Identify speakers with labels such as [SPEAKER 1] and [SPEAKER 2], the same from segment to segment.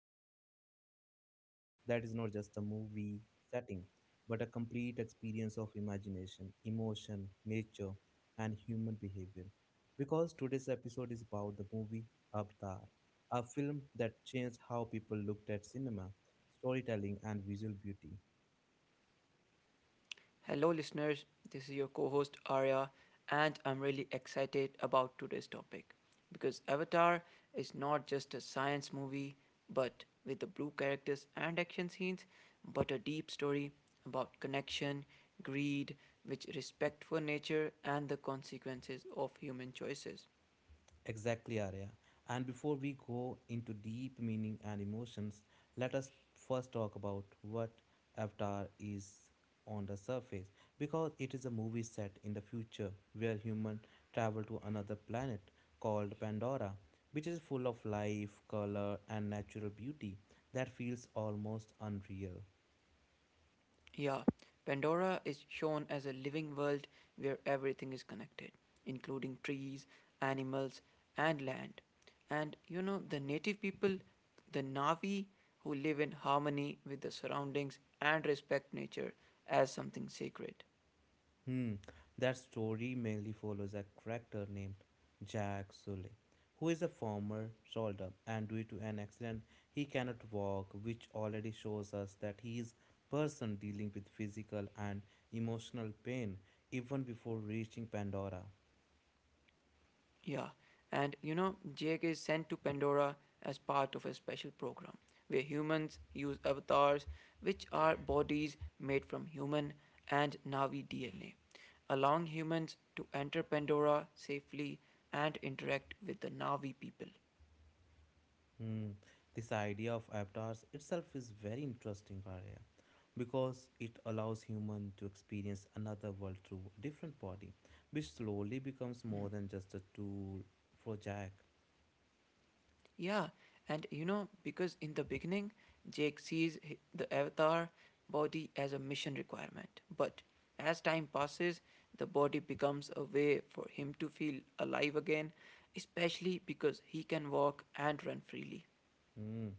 [SPEAKER 1] we are stepping into a world that is not just a movie setting, but a complete experience of imagination, emotion, nature, and human behavior. Because today's episode is about the movie Avatar, a film that changed how people looked at cinema, storytelling, and visual beauty.
[SPEAKER 2] Hello, listeners. This is your co host Arya, and I'm really excited about today's topic because Avatar is not just a science movie, but with the blue characters and action scenes, but a deep story about connection, greed, which respect for nature, and the consequences of human choices.
[SPEAKER 1] Exactly, Arya. And before we go into deep meaning and emotions, let us first talk about what Avatar is on the surface because it is a movie set in the future where humans travel to another planet called Pandora, which is full of life, color, and natural beauty that feels almost unreal.
[SPEAKER 2] Yeah, Pandora is shown as a living world where everything is connected, including trees, animals, and land. And you know, the native people, the Navi, who live in harmony with the surroundings and respect nature as something sacred.
[SPEAKER 1] Hmm, that story mainly follows a character named Jack Sully, who is a former soldier and due to an accident he cannot walk, which already shows us that he is person dealing with physical and emotional pain even before reaching Pandora.
[SPEAKER 2] Yeah, and you know, Jake is sent to Pandora as part of a special program where humans use avatars, which are bodies made from human and Navi DNA, allowing humans to enter Pandora safely and interact with the Navi people.
[SPEAKER 1] Hmm, this idea of avatars itself is very interesting, Arya, because it allows human to experience another world through a different body, which slowly becomes more than just a tool for Jack.
[SPEAKER 2] Yeah, and you know, because in the beginning, Jake sees the avatar body as a mission requirement. But as time passes, the body becomes a way for him to feel alive again, especially because he can walk and run freely.
[SPEAKER 1] Hmm,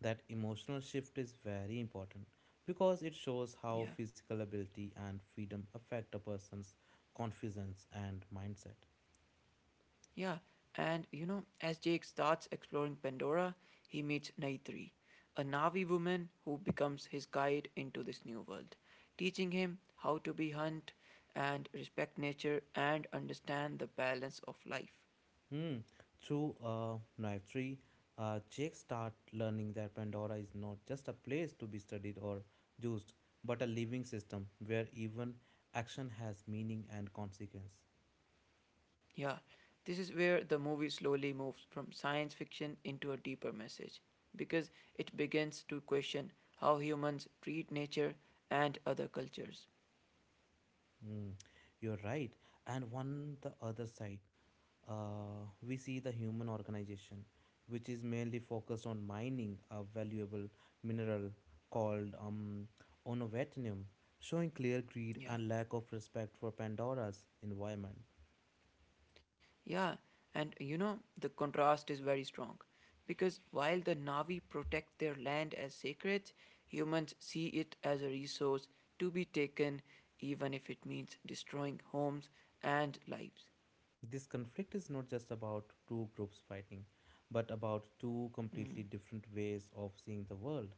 [SPEAKER 1] that emotional shift is very important because it shows how
[SPEAKER 2] Yeah.
[SPEAKER 1] physical ability and freedom affect a person's confidence and mindset.
[SPEAKER 2] Yeah, and you know, as Jake starts exploring Pandora, he meets Naitri, a Navi woman who becomes his guide into this new world, teaching him how to be hunt and respect nature and understand the balance of life.
[SPEAKER 1] Hmm. Through naivety, Jake start learning that Pandora is not just a place to be studied or used, but a living system where even action has meaning and consequence.
[SPEAKER 2] Yeah, this is where the movie slowly moves from science fiction into a deeper message because it begins to question how humans treat nature and other cultures.
[SPEAKER 1] Hmm. You're right. And on the other side, we see the human organization, which is mainly focused on mining a valuable mineral called onovatinum, showing clear greed and
[SPEAKER 2] Yeah.
[SPEAKER 1] lack of respect for Pandora's environment.
[SPEAKER 2] Yeah, and you know, the contrast is very strong. Because while the Navi protect their land as sacred, humans see it as a resource to be taken, even if it means destroying homes and lives.
[SPEAKER 1] This conflict is not just about two groups fighting, but about two completely
[SPEAKER 2] Mm.
[SPEAKER 1] different ways of seeing the world.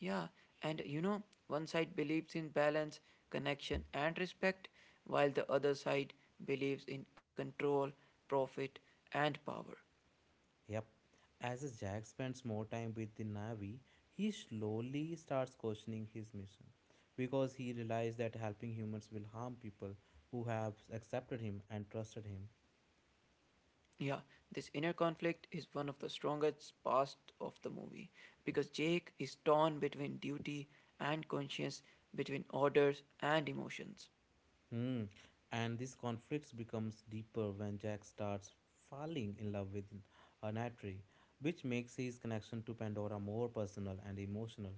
[SPEAKER 2] Yeah, and you know, one side believes in balance, connection, and respect, while the other side believes in control, profit, and power.
[SPEAKER 1] Yep. As Jack spends more time with the Na'vi, he slowly starts questioning his mission because he realizes that helping humans will harm people who have accepted him and trusted him.
[SPEAKER 2] Yeah, this inner conflict is one of the strongest parts of the movie because Jake is torn between duty and conscience, between orders and emotions.
[SPEAKER 1] Hmm. And this conflict becomes deeper when Jack starts falling in love with Anatri, which makes his connection to Pandora more personal and emotional.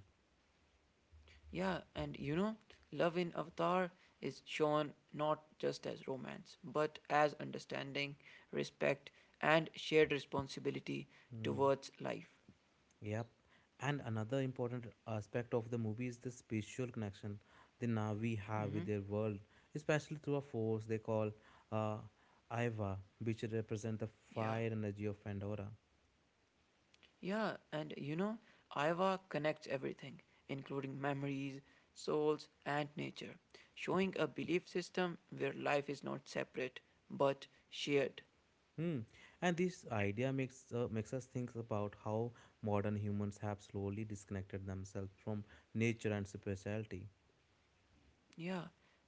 [SPEAKER 2] Yeah, and you know, love in Avatar is shown not just as romance, but as understanding, respect, and shared responsibility
[SPEAKER 1] Mm,
[SPEAKER 2] towards life.
[SPEAKER 1] yep. And another important aspect of the movie is the spiritual connection the Na'vi have with
[SPEAKER 2] Hmm.
[SPEAKER 1] their world, especially through a force they call uh, Aiva, which represent the
[SPEAKER 2] Yeah.
[SPEAKER 1] fire energy of Pandora.
[SPEAKER 2] Yeah, and you know, Aiwa connects everything, including memories, souls, and nature, showing a belief system where life is not separate but shared.
[SPEAKER 1] Hmm. And this idea makes makes us think about how modern humans have slowly disconnected themselves from nature and spirituality.
[SPEAKER 2] Yeah,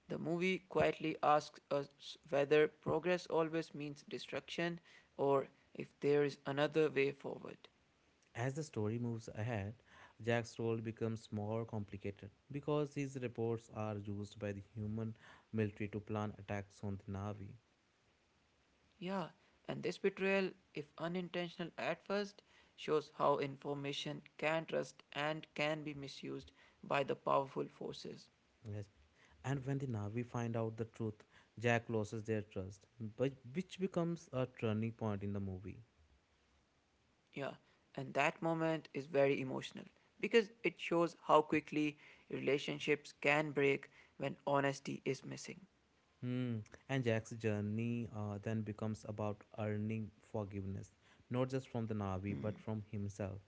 [SPEAKER 2] the movie quietly asks us whether progress always means destruction or if there is another way forward.
[SPEAKER 1] As the story moves ahead, Jack's role becomes more complicated because his reports are used by the human military to plan attacks on the Na'vi.
[SPEAKER 2] Yeah, and this betrayal, if unintentional at first, shows how information can trust and can be misused by the powerful forces.
[SPEAKER 1] Yes. And when the Na'vi find out the truth, Jack loses their trust, but which becomes a turning point in the movie.
[SPEAKER 2] Yeah, and that moment is very emotional because it shows how quickly relationships can break when honesty is missing.
[SPEAKER 1] Hmm. And Jack's journey then becomes about earning forgiveness, not just from the Na'vi, but
[SPEAKER 2] Mm.
[SPEAKER 1] from himself.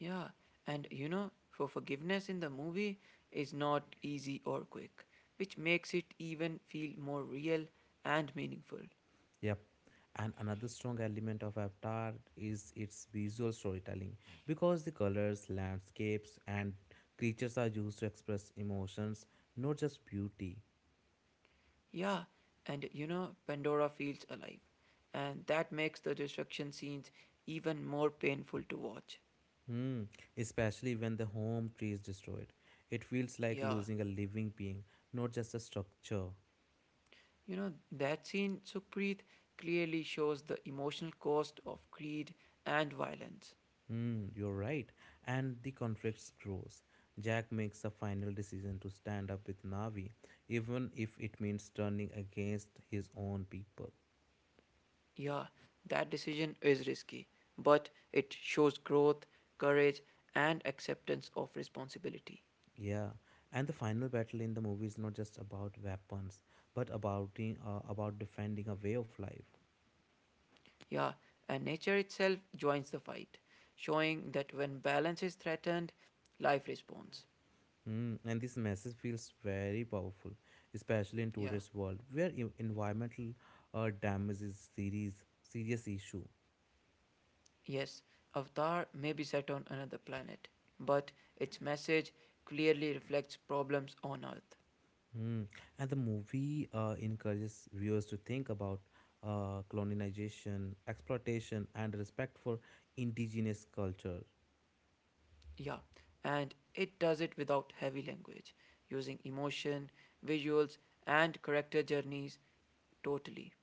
[SPEAKER 2] Yeah, and you know, for forgiveness in the movie is not easy or quick, which makes it even feel more real and meaningful.
[SPEAKER 1] Yep. And another strong element of Avatar is its visual storytelling because the colors, landscapes, and creatures are used to express emotions, not just beauty.
[SPEAKER 2] Yeah, and you know, Pandora feels alive, and that makes the destruction scenes even more painful to watch.
[SPEAKER 1] Hmm. Especially when the home tree is destroyed, it feels like
[SPEAKER 2] Yeah.
[SPEAKER 1] losing a living being, not just a structure.
[SPEAKER 2] You know, that scene, Sukhpreet, clearly shows the emotional cost of greed and violence.
[SPEAKER 1] Hmm, you're right. And the conflict grows. Jack makes a final decision to stand up with Navi, even if it means turning against his own people.
[SPEAKER 2] Yeah, that decision is risky, but it shows growth, courage, and acceptance of responsibility.
[SPEAKER 1] Yeah, and the final battle in the movie is not just about weapons, but about about defending a way of life.
[SPEAKER 2] Yeah, and nature itself joins the fight, showing that when balance is threatened, life responds.
[SPEAKER 1] Hmm, and this message feels very powerful, especially in
[SPEAKER 2] Yeah,
[SPEAKER 1] today's world where environmental damage is serious issue.
[SPEAKER 2] yes, Avatar may be set on another planet, but its message clearly reflects problems on Earth.
[SPEAKER 1] Hmm, and the movie encourages viewers to think about colonization, exploitation, and respect for indigenous culture.
[SPEAKER 2] Yeah, and it does it without heavy language, using emotion, visuals, and character journeys totally.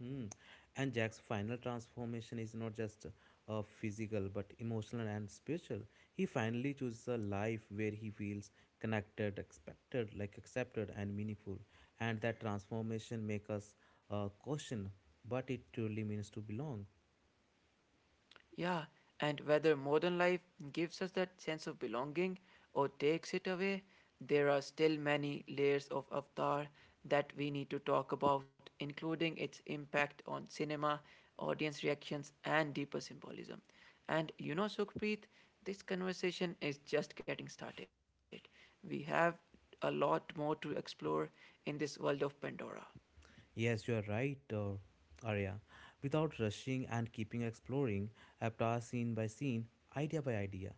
[SPEAKER 1] Hmm. And Jack's final transformation is not just physical but emotional and spiritual. He finally chooses a life where he feels connected, expected, like accepted and meaningful. And that transformation makes us question what it truly means to belong.
[SPEAKER 2] Yeah, and whether modern life gives us that sense of belonging or takes it away, there are still many layers of Avatar that we need to talk about, including its impact on cinema, audience reactions, and deeper symbolism. And you know, Sukhpreet, this conversation is just getting started. We have a lot more to explore in this world of Pandora.
[SPEAKER 1] Yes, you are right, Arya. Without rushing and keeping exploring, avatar scene by scene, idea by idea.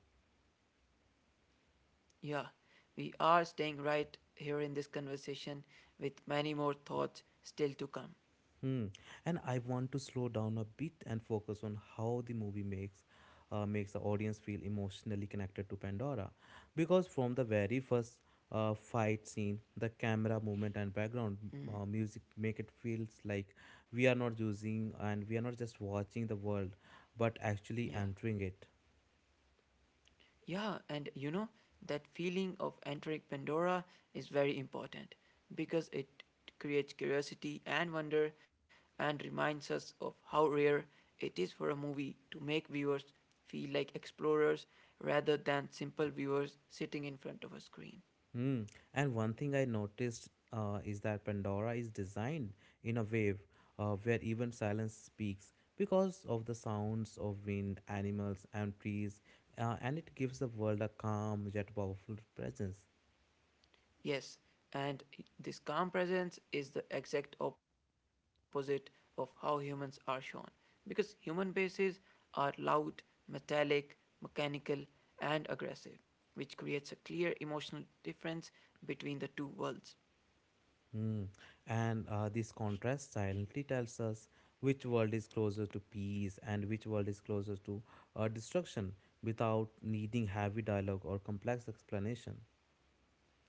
[SPEAKER 2] Yeah, we are staying right here in this conversation with many more thoughts still to come.
[SPEAKER 1] Hmm. And I want to slow down a bit and focus on how the movie makes makes the audience feel emotionally connected to Pandora, because from the very first fight scene, the camera movement and background
[SPEAKER 2] Mm,
[SPEAKER 1] music make it feels like we are not using and we are not just watching the world, but actually
[SPEAKER 2] yeah,
[SPEAKER 1] entering it.
[SPEAKER 2] yeah, and you know, that feeling of entering Pandora is very important because it creates curiosity and wonder and reminds us of how rare it is for a movie to make viewers feel like explorers rather than simple viewers sitting in front of a screen.
[SPEAKER 1] Hmm. And one thing I noticed is that Pandora is designed in a wave where even silence speaks because of the sounds of wind, animals, and trees, and it gives the world a calm yet powerful presence.
[SPEAKER 2] Yes, and this calm presence is the exact opposite of how humans are shown. Because human bases are loud, metallic, mechanical, and aggressive, which creates a clear emotional difference between the two worlds.
[SPEAKER 1] Hmm. And this contrast silently tells us which world is closer to peace and which world is closer to destruction without needing heavy dialogue or complex explanation.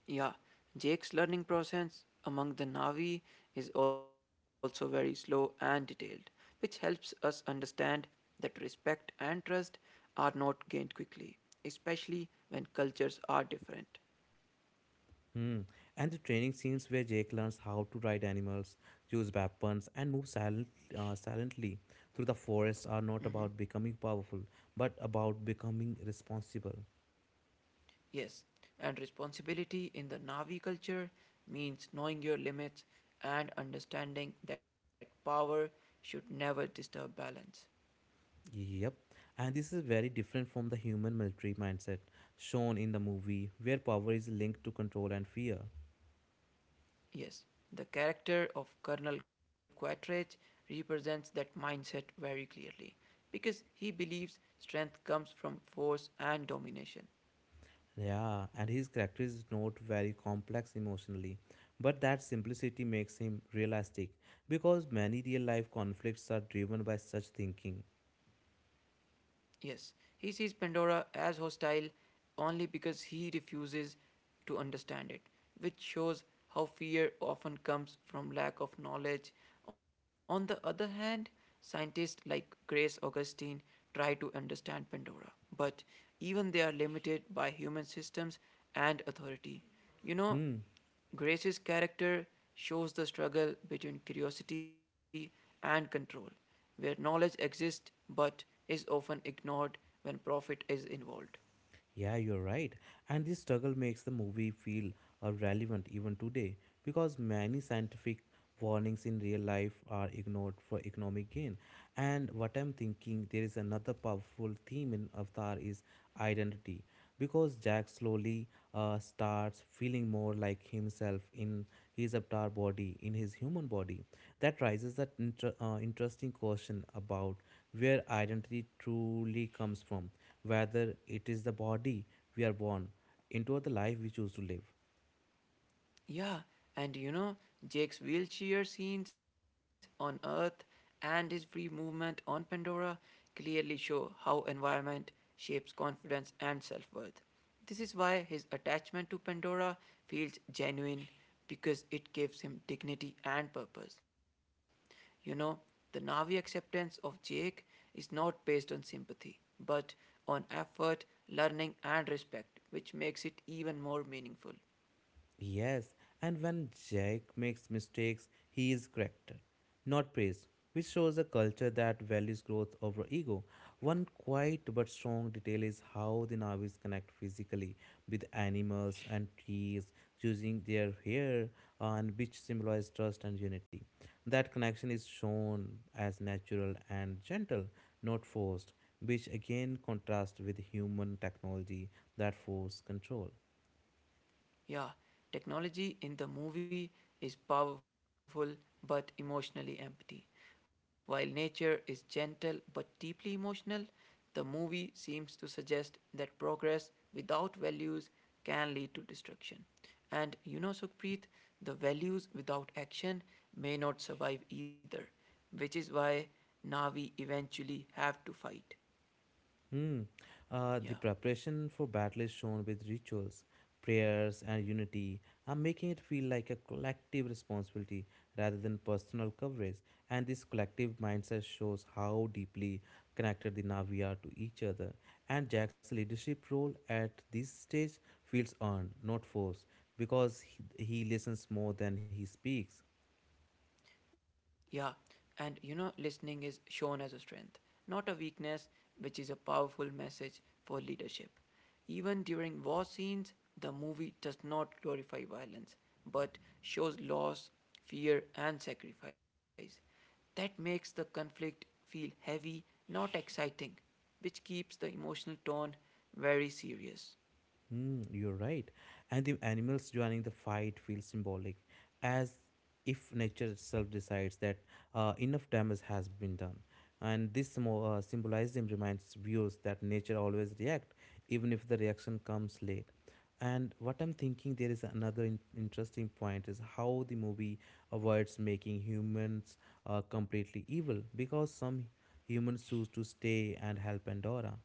[SPEAKER 2] Yeah, Jake's learning process among the Navi is also very slow and detailed, which helps us understand that respect and trust are not gained quickly, especially when cultures are different.
[SPEAKER 1] Hmm. And the training scenes where Jake learns how to ride animals, use weapons, and silently through the forest
[SPEAKER 2] Mhm.
[SPEAKER 1] are not about becoming powerful, but about becoming responsible.
[SPEAKER 2] Yes, and responsibility in the Navi culture means knowing your limits and understanding that power should never disturb balance.
[SPEAKER 1] Yep. And this is very different from the human military mindset shown in the movie, where power is linked to control and fear.
[SPEAKER 2] Yes, the character of Colonel Quattrage represents that mindset very clearly because he believes strength comes from force and domination.
[SPEAKER 1] Yeah, and his character is not very complex emotionally, but that simplicity makes him realistic because many real life conflicts are driven by such thinking.
[SPEAKER 2] Yes, he sees Pandora as hostile only because he refuses to understand it, which shows how fear often comes from lack of knowledge. On the other hand, scientists like Grace Augustine try to understand Pandora, but even they are limited by human systems and authority. You know,
[SPEAKER 1] Hmm.
[SPEAKER 2] Grace's character shows the struggle between curiosity and control, where knowledge exists but is often ignored when profit is involved.
[SPEAKER 1] Yeah, you're right. And this struggle makes the movie feel relevant even today because many scientific warnings in real life are ignored for economic gain. And what I'm thinking, there is another powerful theme in Avatar is identity because Jack slowly starts feeling more like himself in his avatar body, in his human body. That raises that interesting question about where identity truly comes from, whether it is the body we are born into the life we choose to live.
[SPEAKER 2] Yeah, and you know, Jake's wheelchair scenes on Earth and his free movement on Pandora clearly show how environment shapes confidence and self worth. This is why his attachment to Pandora feels genuine because it gives him dignity and purpose. You know, the Navi acceptance of Jake is not based on sympathy, but on effort, learning, and respect, which makes it even more meaningful.
[SPEAKER 1] Yes, and when Jack makes mistakes, he is corrected, not praised, which shows a culture that values growth over ego. One quiet but strong detail is how the Navis connect physically with animals and trees using their hair, and which symbolize trust and unity. That connection is shown as natural and gentle, not forced, which again contrasts with human technology that force control.
[SPEAKER 2] Yeah, technology in the movie is powerful but emotionally empty. While nature is gentle but deeply emotional, the movie seems to suggest that progress without values can lead to destruction. And you know, Sukhpreet, the values without action may not survive either, which is why Navi eventually have to fight.
[SPEAKER 1] Hmm. The
[SPEAKER 2] Yeah.
[SPEAKER 1] preparation for battle is shown with rituals, prayers, and unity. I'm making it feel like a collective responsibility rather than personal coverage. And this collective mindset shows how deeply connected the Na'vi are to each other. And Jack's leadership role at this stage feels earned, not forced, because he listens more than he speaks.
[SPEAKER 2] Yeah, and you know, listening is shown as a strength, not a weakness, which is a powerful message for leadership. Even during war scenes, the movie does not glorify violence, but shows loss, fear, and sacrifice. That makes the conflict feel heavy, not exciting, which keeps the emotional tone very serious.
[SPEAKER 1] Mm, you're right. And the animals joining the fight feel symbolic, as if nature itself decides that enough damage has been done. And this symbolism reminds viewers that nature always reacts, even if the reaction comes late. And what I'm thinking there is another interesting point is how the movie avoids making humans completely evil because some humans choose to stay and help Pandora.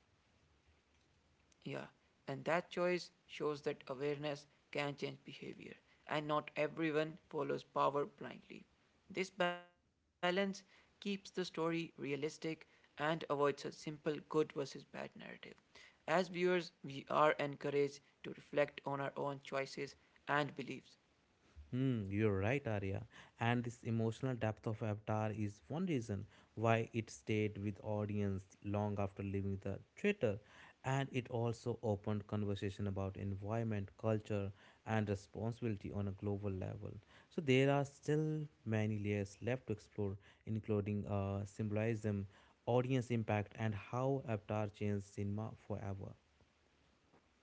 [SPEAKER 2] Yeah, and that choice shows that awareness can change behavior, and not everyone follows power blindly. This balance keeps the story realistic and avoids a simple good versus bad narrative. As viewers, we are encouraged to reflect on our own choices and beliefs.
[SPEAKER 1] Hmm, you're right, Arya. And this emotional depth of Avatar is one reason why it stayed with audience long after leaving the theater, and it also opened conversation about environment, culture, and responsibility on a global level. So there are still many layers left to explore, including symbolism, audience impact, and how Avatar changed cinema forever.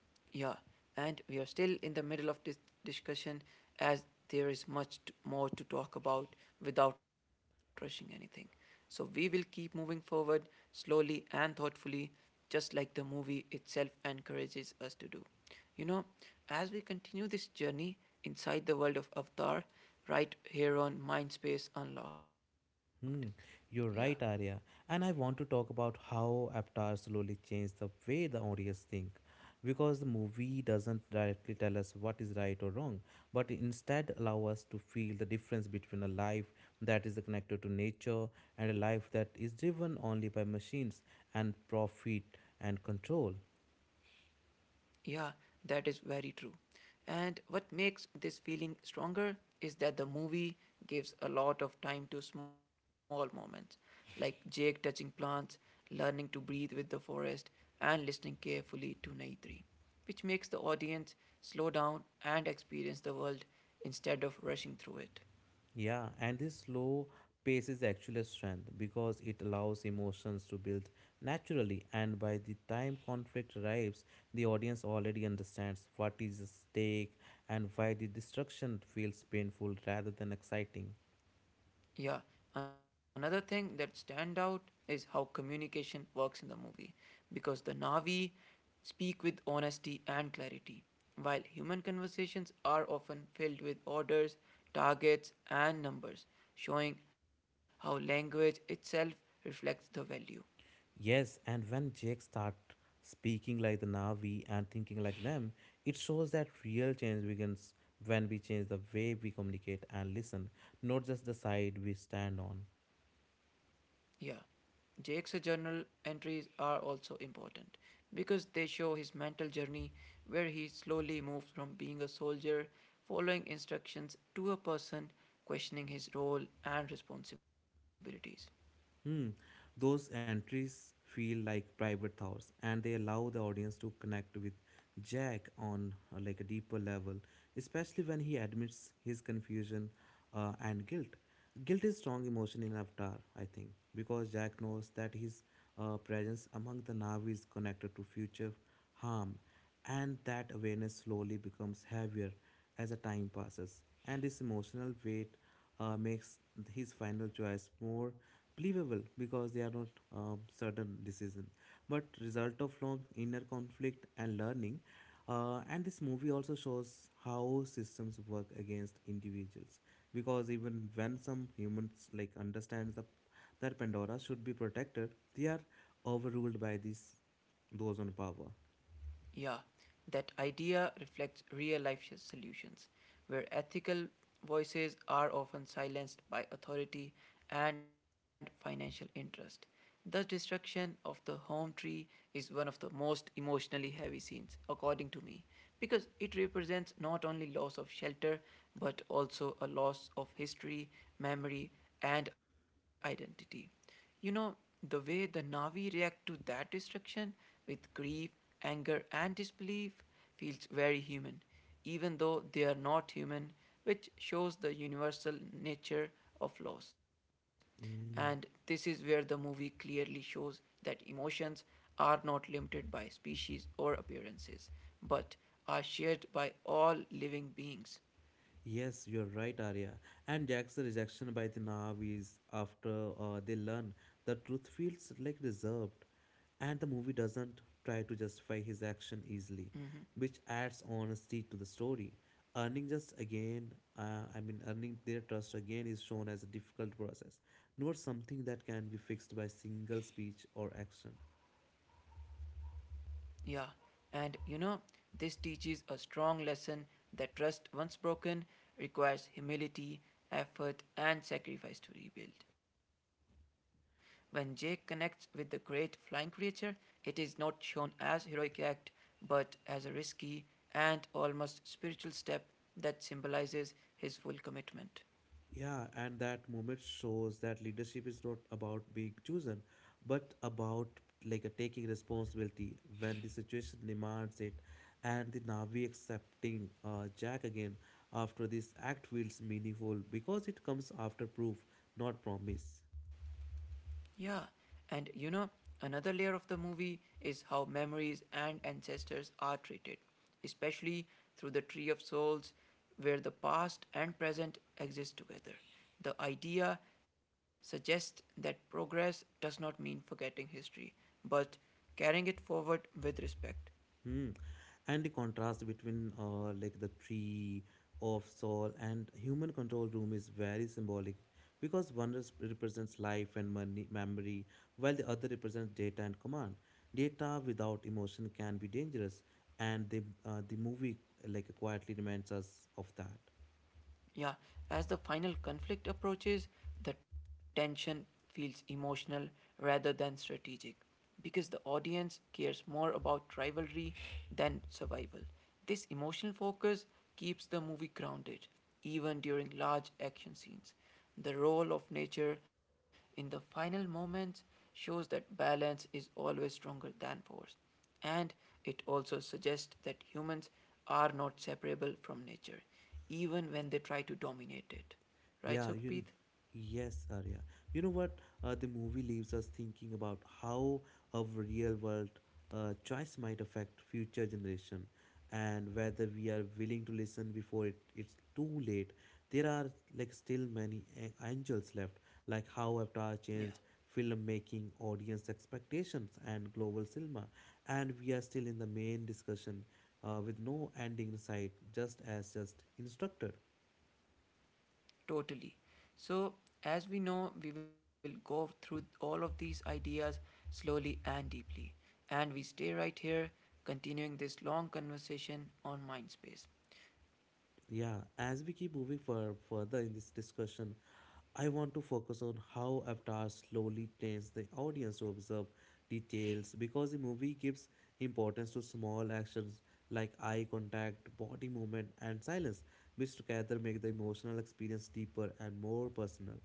[SPEAKER 2] Yeah, and we are still in the middle of this discussion as there is much more to talk about without rushing anything. So we will keep moving forward slowly and thoughtfully, just like the movie itself encourages us to do. You know, as we continue this journey inside the world of Avatar, right here on Mindspace Unlocked. Yeah.
[SPEAKER 1] Hmm, you're right, Arya. And I want to talk about how Avatar slowly changed the way the audience think. Because the movie doesn't directly tell us what is right or wrong, but instead allow us to feel the difference between a life that is connected to nature and a life that is driven only by machines and profit and control.
[SPEAKER 2] Yeah, that is very true. And what makes this feeling stronger is that the movie gives a lot of time to small moments, like Jake touching plants, learning to breathe with the forest, and listening carefully to Naitri, which makes the audience slow down and experience the world instead of rushing through it.
[SPEAKER 1] Yeah, and this slow pace is actually a strength because it allows emotions to build naturally, and by the time conflict arrives, the audience already understands what is at stake and why the destruction feels painful rather than exciting.
[SPEAKER 2] Yeah, another thing that stand out is how communication works in the movie because the Navi speak with honesty and clarity while human conversations are often filled with orders, targets and numbers showing how language itself reflects the value.
[SPEAKER 1] Yes, and when Jake starts speaking like the Navi and thinking like them, it shows that real change begins when we change the way we communicate and listen, not just the side we stand on.
[SPEAKER 2] Yeah, Jake's journal entries are also important because they show his mental journey where he slowly moves from being a soldier following instructions to a person questioning his role and responsibilities.
[SPEAKER 1] Hmm. Those entries feel like private thoughts and they allow the audience to connect with Jack on like a deeper level, especially when he admits his confusion and guilt. Guilt is strong emotion in Avatar, I think, because Jack knows that his presence among the Na'vi is connected to future harm, and that awareness slowly becomes heavier as the time passes. And this emotional weight makes his final choice more believable because they are not certain decision but result of long inner conflict and learning, and this movie also shows how systems work against individuals because even when some humans like understands the, that pandora should be protected they are overruled by these those on power.
[SPEAKER 2] Yeah, that idea reflects real life solutions, where ethical voices are often silenced by authority and financial interest. The destruction of the home tree is one of the most emotionally heavy scenes, according to me, because it represents not only loss of shelter but also a loss of history, memory, and identity. You know, the way the Navi react to that destruction with grief, anger, and disbelief feels very human, even though they are not human, which shows the universal nature of loss. And this
[SPEAKER 1] Mm.
[SPEAKER 2] is where the movie clearly shows that emotions are not limited by species or appearances, but are shared by all living beings.
[SPEAKER 1] Yes, you're right, Arya. And Jack's rejection by the Na'vi after they learn the truth feels like reserved, and the movie doesn't try to justify his action easily,
[SPEAKER 2] Mhm.
[SPEAKER 1] which adds honesty to the story. Earning just again, I mean, Earning their trust again is shown as a difficult process, not something that can be fixed by single speech or action.
[SPEAKER 2] Yeah, and you know, this teaches a strong lesson that trust, once broken, requires humility, effort, and sacrifice to rebuild. When Jake connects with the great flying creature, it is not shown as heroic act but as a risky and almost spiritual step that symbolizes his full commitment.
[SPEAKER 1] Yeah, and that moment shows that leadership is not about being chosen, but about a taking responsibility when the situation demands it. And the Navi accepting Jack again after this act feels meaningful because it comes after proof, not promise.
[SPEAKER 2] Yeah, and you know, another layer of the movie is how memories and ancestors are treated, especially through the Tree of Souls, where the past and present exist together. The idea suggests that progress does not mean forgetting history, but carrying it forward with respect.
[SPEAKER 1] Hmm. And the contrast between the tree of Saul and human control room is very symbolic because one represents life and money, memory, while the other represents data and command. Data without emotion can be dangerous, and the movie quietly reminds us of that.
[SPEAKER 2] Yeah, as the final conflict approaches, the tension feels emotional rather than strategic because the audience cares more about rivalry than survival. This emotional focus keeps the movie grounded even during large action scenes. The role of nature in the final moments shows that balance is always stronger than force, and it also suggests that humans are not separable from nature, even when they try to dominate it. Right,
[SPEAKER 1] Yeah, you. kn-
[SPEAKER 2] Sukhpreet?
[SPEAKER 1] Yes, Arya. You know what? The movie leaves us thinking about how a real world choice might affect future generation, and whether we are willing to listen before it's too late. There are still many angles left, like how
[SPEAKER 2] Yeah,
[SPEAKER 1] Avatar changed filmmaking, audience expectations, and global cinema, and we are still in the main discussion with no ending in sight, just as just instructed.
[SPEAKER 2] totally. So, as we know, we will go through all of these ideas slowly and deeply. And we stay right here, continuing this long conversation on MindSpace.
[SPEAKER 1] Yeah, as we keep moving further in this discussion, I want to focus on how Avatar slowly trains the audience to observe details because the movie gives importance to small actions like eye contact, body movement, and silence, which together make the emotional experience deeper and more personal.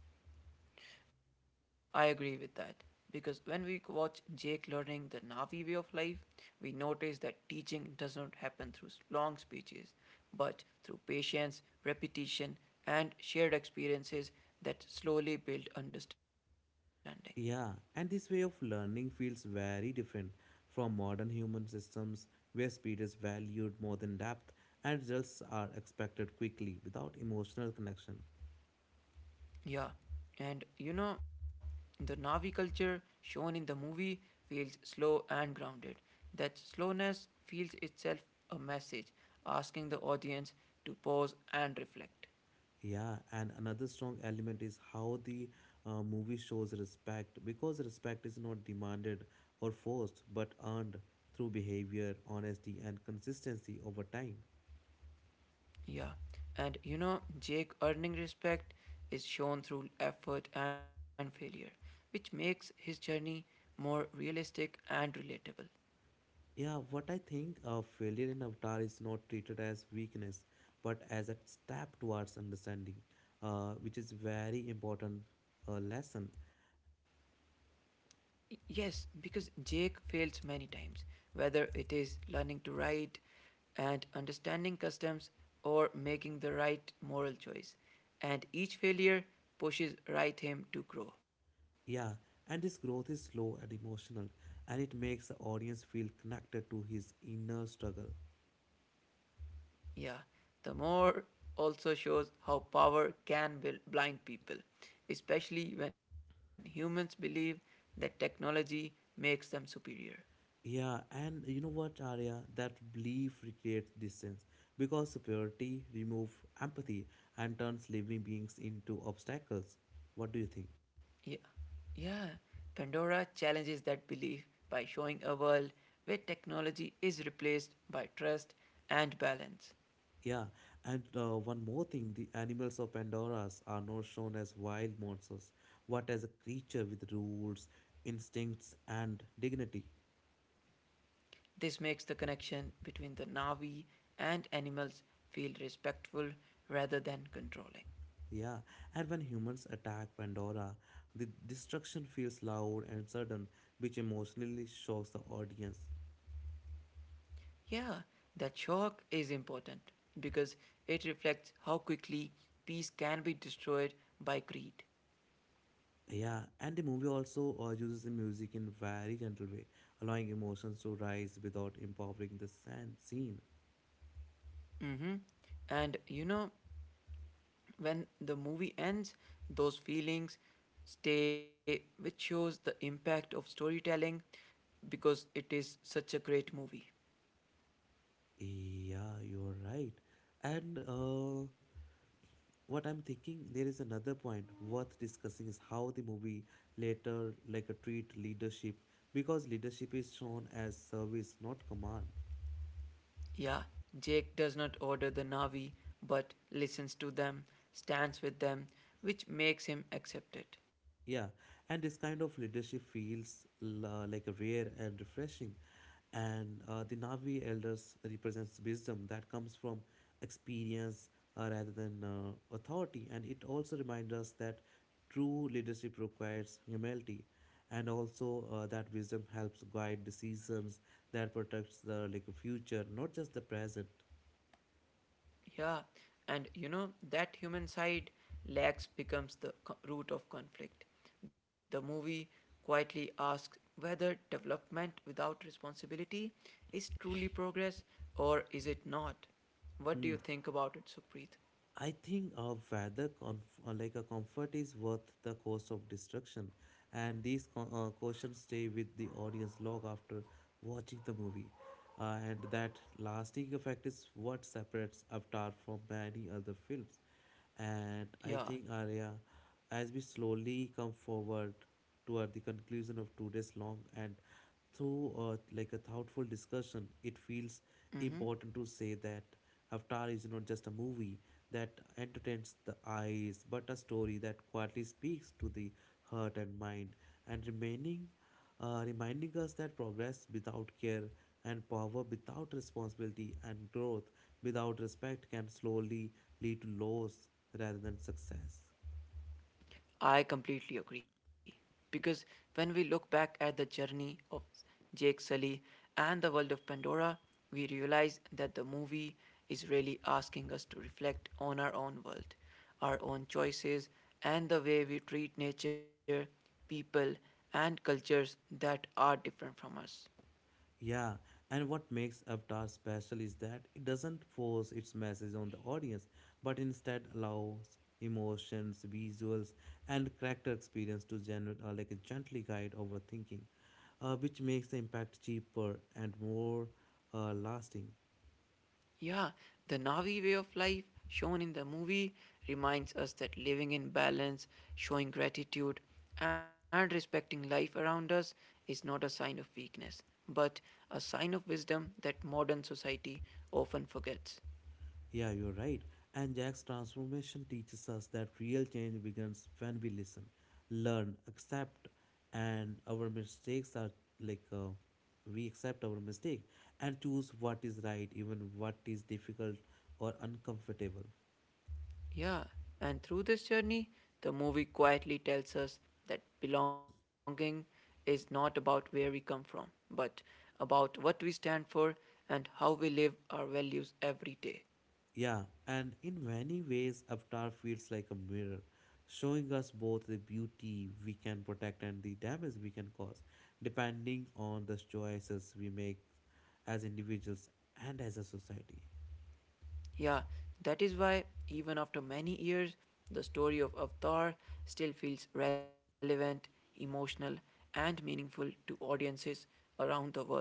[SPEAKER 2] I agree with that because when we watch Jake learning the Navi way of life, we notice that teaching does not happen through long speeches, but through patience, repetition, and shared experiences that slowly build understanding.
[SPEAKER 1] Yeah, and this way of learning feels very different from modern human systems where speed is valued more than depth and results are expected quickly without emotional connection.
[SPEAKER 2] Yeah, and you know, the Navi culture shown in the movie feels slow and grounded. That slowness feels itself a message asking the audience to pause and reflect.
[SPEAKER 1] Yeah, and another strong element is how the movie shows respect because respect is not demanded or forced but earned through behavior, honesty, and consistency over time.
[SPEAKER 2] Yeah, and you know, Jake earning respect is shown through effort and failure, which makes his journey more realistic and relatable.
[SPEAKER 1] Yeah, what I think of failure in Avatar is not treated as weakness, but as a step towards understanding, which is very important lesson.
[SPEAKER 2] Yes, because Jake fails many times, whether it is learning to ride and understanding customs or making the right moral choice, and each failure pushes right him to grow.
[SPEAKER 1] Yeah, and this growth is slow and emotional, and it makes the audience feel connected to his inner struggle.
[SPEAKER 2] Yeah, the more also shows how power can blind people, especially when humans believe that technology makes them superior.
[SPEAKER 1] Yeah, and you know what, Arya? That belief recreates distance because superiority removes empathy and turns living beings into obstacles. What do you think?
[SPEAKER 2] Yeah, yeah. Pandora challenges that belief by showing a world where technology is replaced by trust and balance.
[SPEAKER 1] Yeah, and one more thing the animals of Pandora's are not shown as wild monsters, but as a creature with rules, instincts, and dignity.
[SPEAKER 2] This makes the connection between the Navi and animals feel respectful rather than controlling.
[SPEAKER 1] Yeah, and when humans attack Pandora, the destruction feels loud and sudden, which emotionally shocks the audience.
[SPEAKER 2] Yeah, that shock is important because it reflects how quickly peace can be destroyed by greed.
[SPEAKER 1] Yeah, and the movie also uses the music in very gentle way, allowing emotions to rise without empowering the scene.
[SPEAKER 2] Hmm. And you know, when the movie ends, those feelings stay, which shows the impact of storytelling because it is such a great movie.
[SPEAKER 1] Yeah, you're right. And what I'm thinking there is another point worth discussing is how the movie later a treat leadership because leadership is shown as service not command.
[SPEAKER 2] Yeah, Jake does not order the Navi but listens to them, stands with them, which makes him accepted.
[SPEAKER 1] Yeah, and this kind of leadership feels like rare and refreshing. And the Navi elders represents wisdom that comes from experience rather than authority. And it also reminds us that true leadership requires humility, and also that wisdom helps guide decisions that protects the future, not just the present.
[SPEAKER 2] Yeah, and you know, that human side lacks becomes the root of conflict. The movie quietly asks whether development without responsibility is truly progress or is it not? What do
[SPEAKER 1] Hmm.
[SPEAKER 2] you think about it, Supreet?
[SPEAKER 1] I think a rather a comfort is worth the cost of destruction, and these questions stay with the audience long after watching the movie, and that lasting effect is what separates Avatar from many other films. And I
[SPEAKER 2] Yeah.
[SPEAKER 1] think, Arya, as we slowly come forward toward the conclusion of today's long and through a thoughtful discussion, it feels
[SPEAKER 2] Mm-hmm.
[SPEAKER 1] important to say that Avatar is not just a movie that entertains the eyes, but a story that quietly speaks to the heart and mind and remaining reminding us that progress without care and power without responsibility and growth without respect can slowly lead to loss rather than success.
[SPEAKER 2] I completely agree. Because when we look back at the journey of Jake Sully and the world of Pandora, we realize that the movie is really asking us to reflect on our own world, our own choices, and the way we treat nature, people, and cultures that are different from us.
[SPEAKER 1] Yeah, and what makes Avatar special is that it doesn't force its message on the audience, but instead allows emotions, visuals, and character experience to generate a gently guide overthinking, which makes the impact cheaper and more lasting.
[SPEAKER 2] Yeah, the Navi way of life shown in the movie reminds us that living in balance, showing gratitude, and respecting life around us is not a sign of weakness, but a sign of wisdom that modern society often forgets.
[SPEAKER 1] Yeah, you're right. And Jack's transformation teaches us that real change begins when we listen, learn, accept, and our mistakes are like uh, we accept our mistake and choose what is right, even what is difficult or uncomfortable.
[SPEAKER 2] Yeah, and through this journey, the movie quietly tells us that belonging is not about where we come from, but about what we stand for and how we live our values every day.
[SPEAKER 1] Yeah, and in many ways, Avatar feels like a mirror, showing us both the beauty we can protect and the damage we can cause, depending on the choices we make as individuals and as a society.
[SPEAKER 2] Yeah, that is why, even after many years, the story of Avatar still feels relevant, emotional, and meaningful to audiences around the world.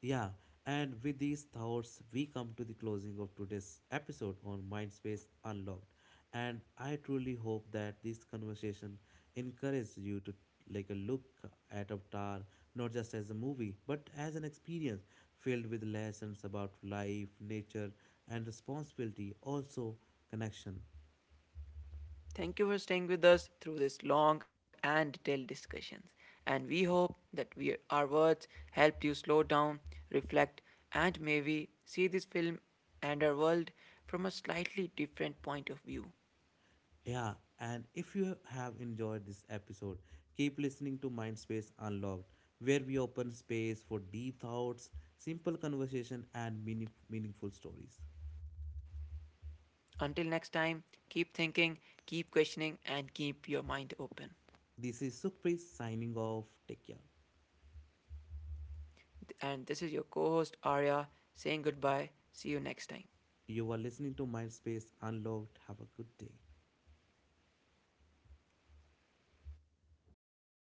[SPEAKER 1] Yeah, and with these thoughts, we come to the closing of today's episode on Mindspace Unlocked. And I truly hope that this conversation encourages you to a look at Avatar not just as a movie but as an experience filled with lessons about life, nature, and responsibility, also connection.
[SPEAKER 2] Thank you for staying with us through this long and detailed discussions, and we hope that we, our words helped you slow down, reflect, and maybe see this film and our world from a slightly different point of view.
[SPEAKER 1] Yeah, and if you have enjoyed this episode, keep listening to Mindspace Unlocked, where we open space for deep thoughts, simple conversation, and meaningful stories.
[SPEAKER 2] Until next time, keep thinking, keep questioning, and keep your mind open.
[SPEAKER 1] This is Sukhpreet signing off. Take care.
[SPEAKER 2] And this is your co host Arya saying goodbye. See you next time.
[SPEAKER 1] You are listening to Mindspace Unlocked. Have a good day.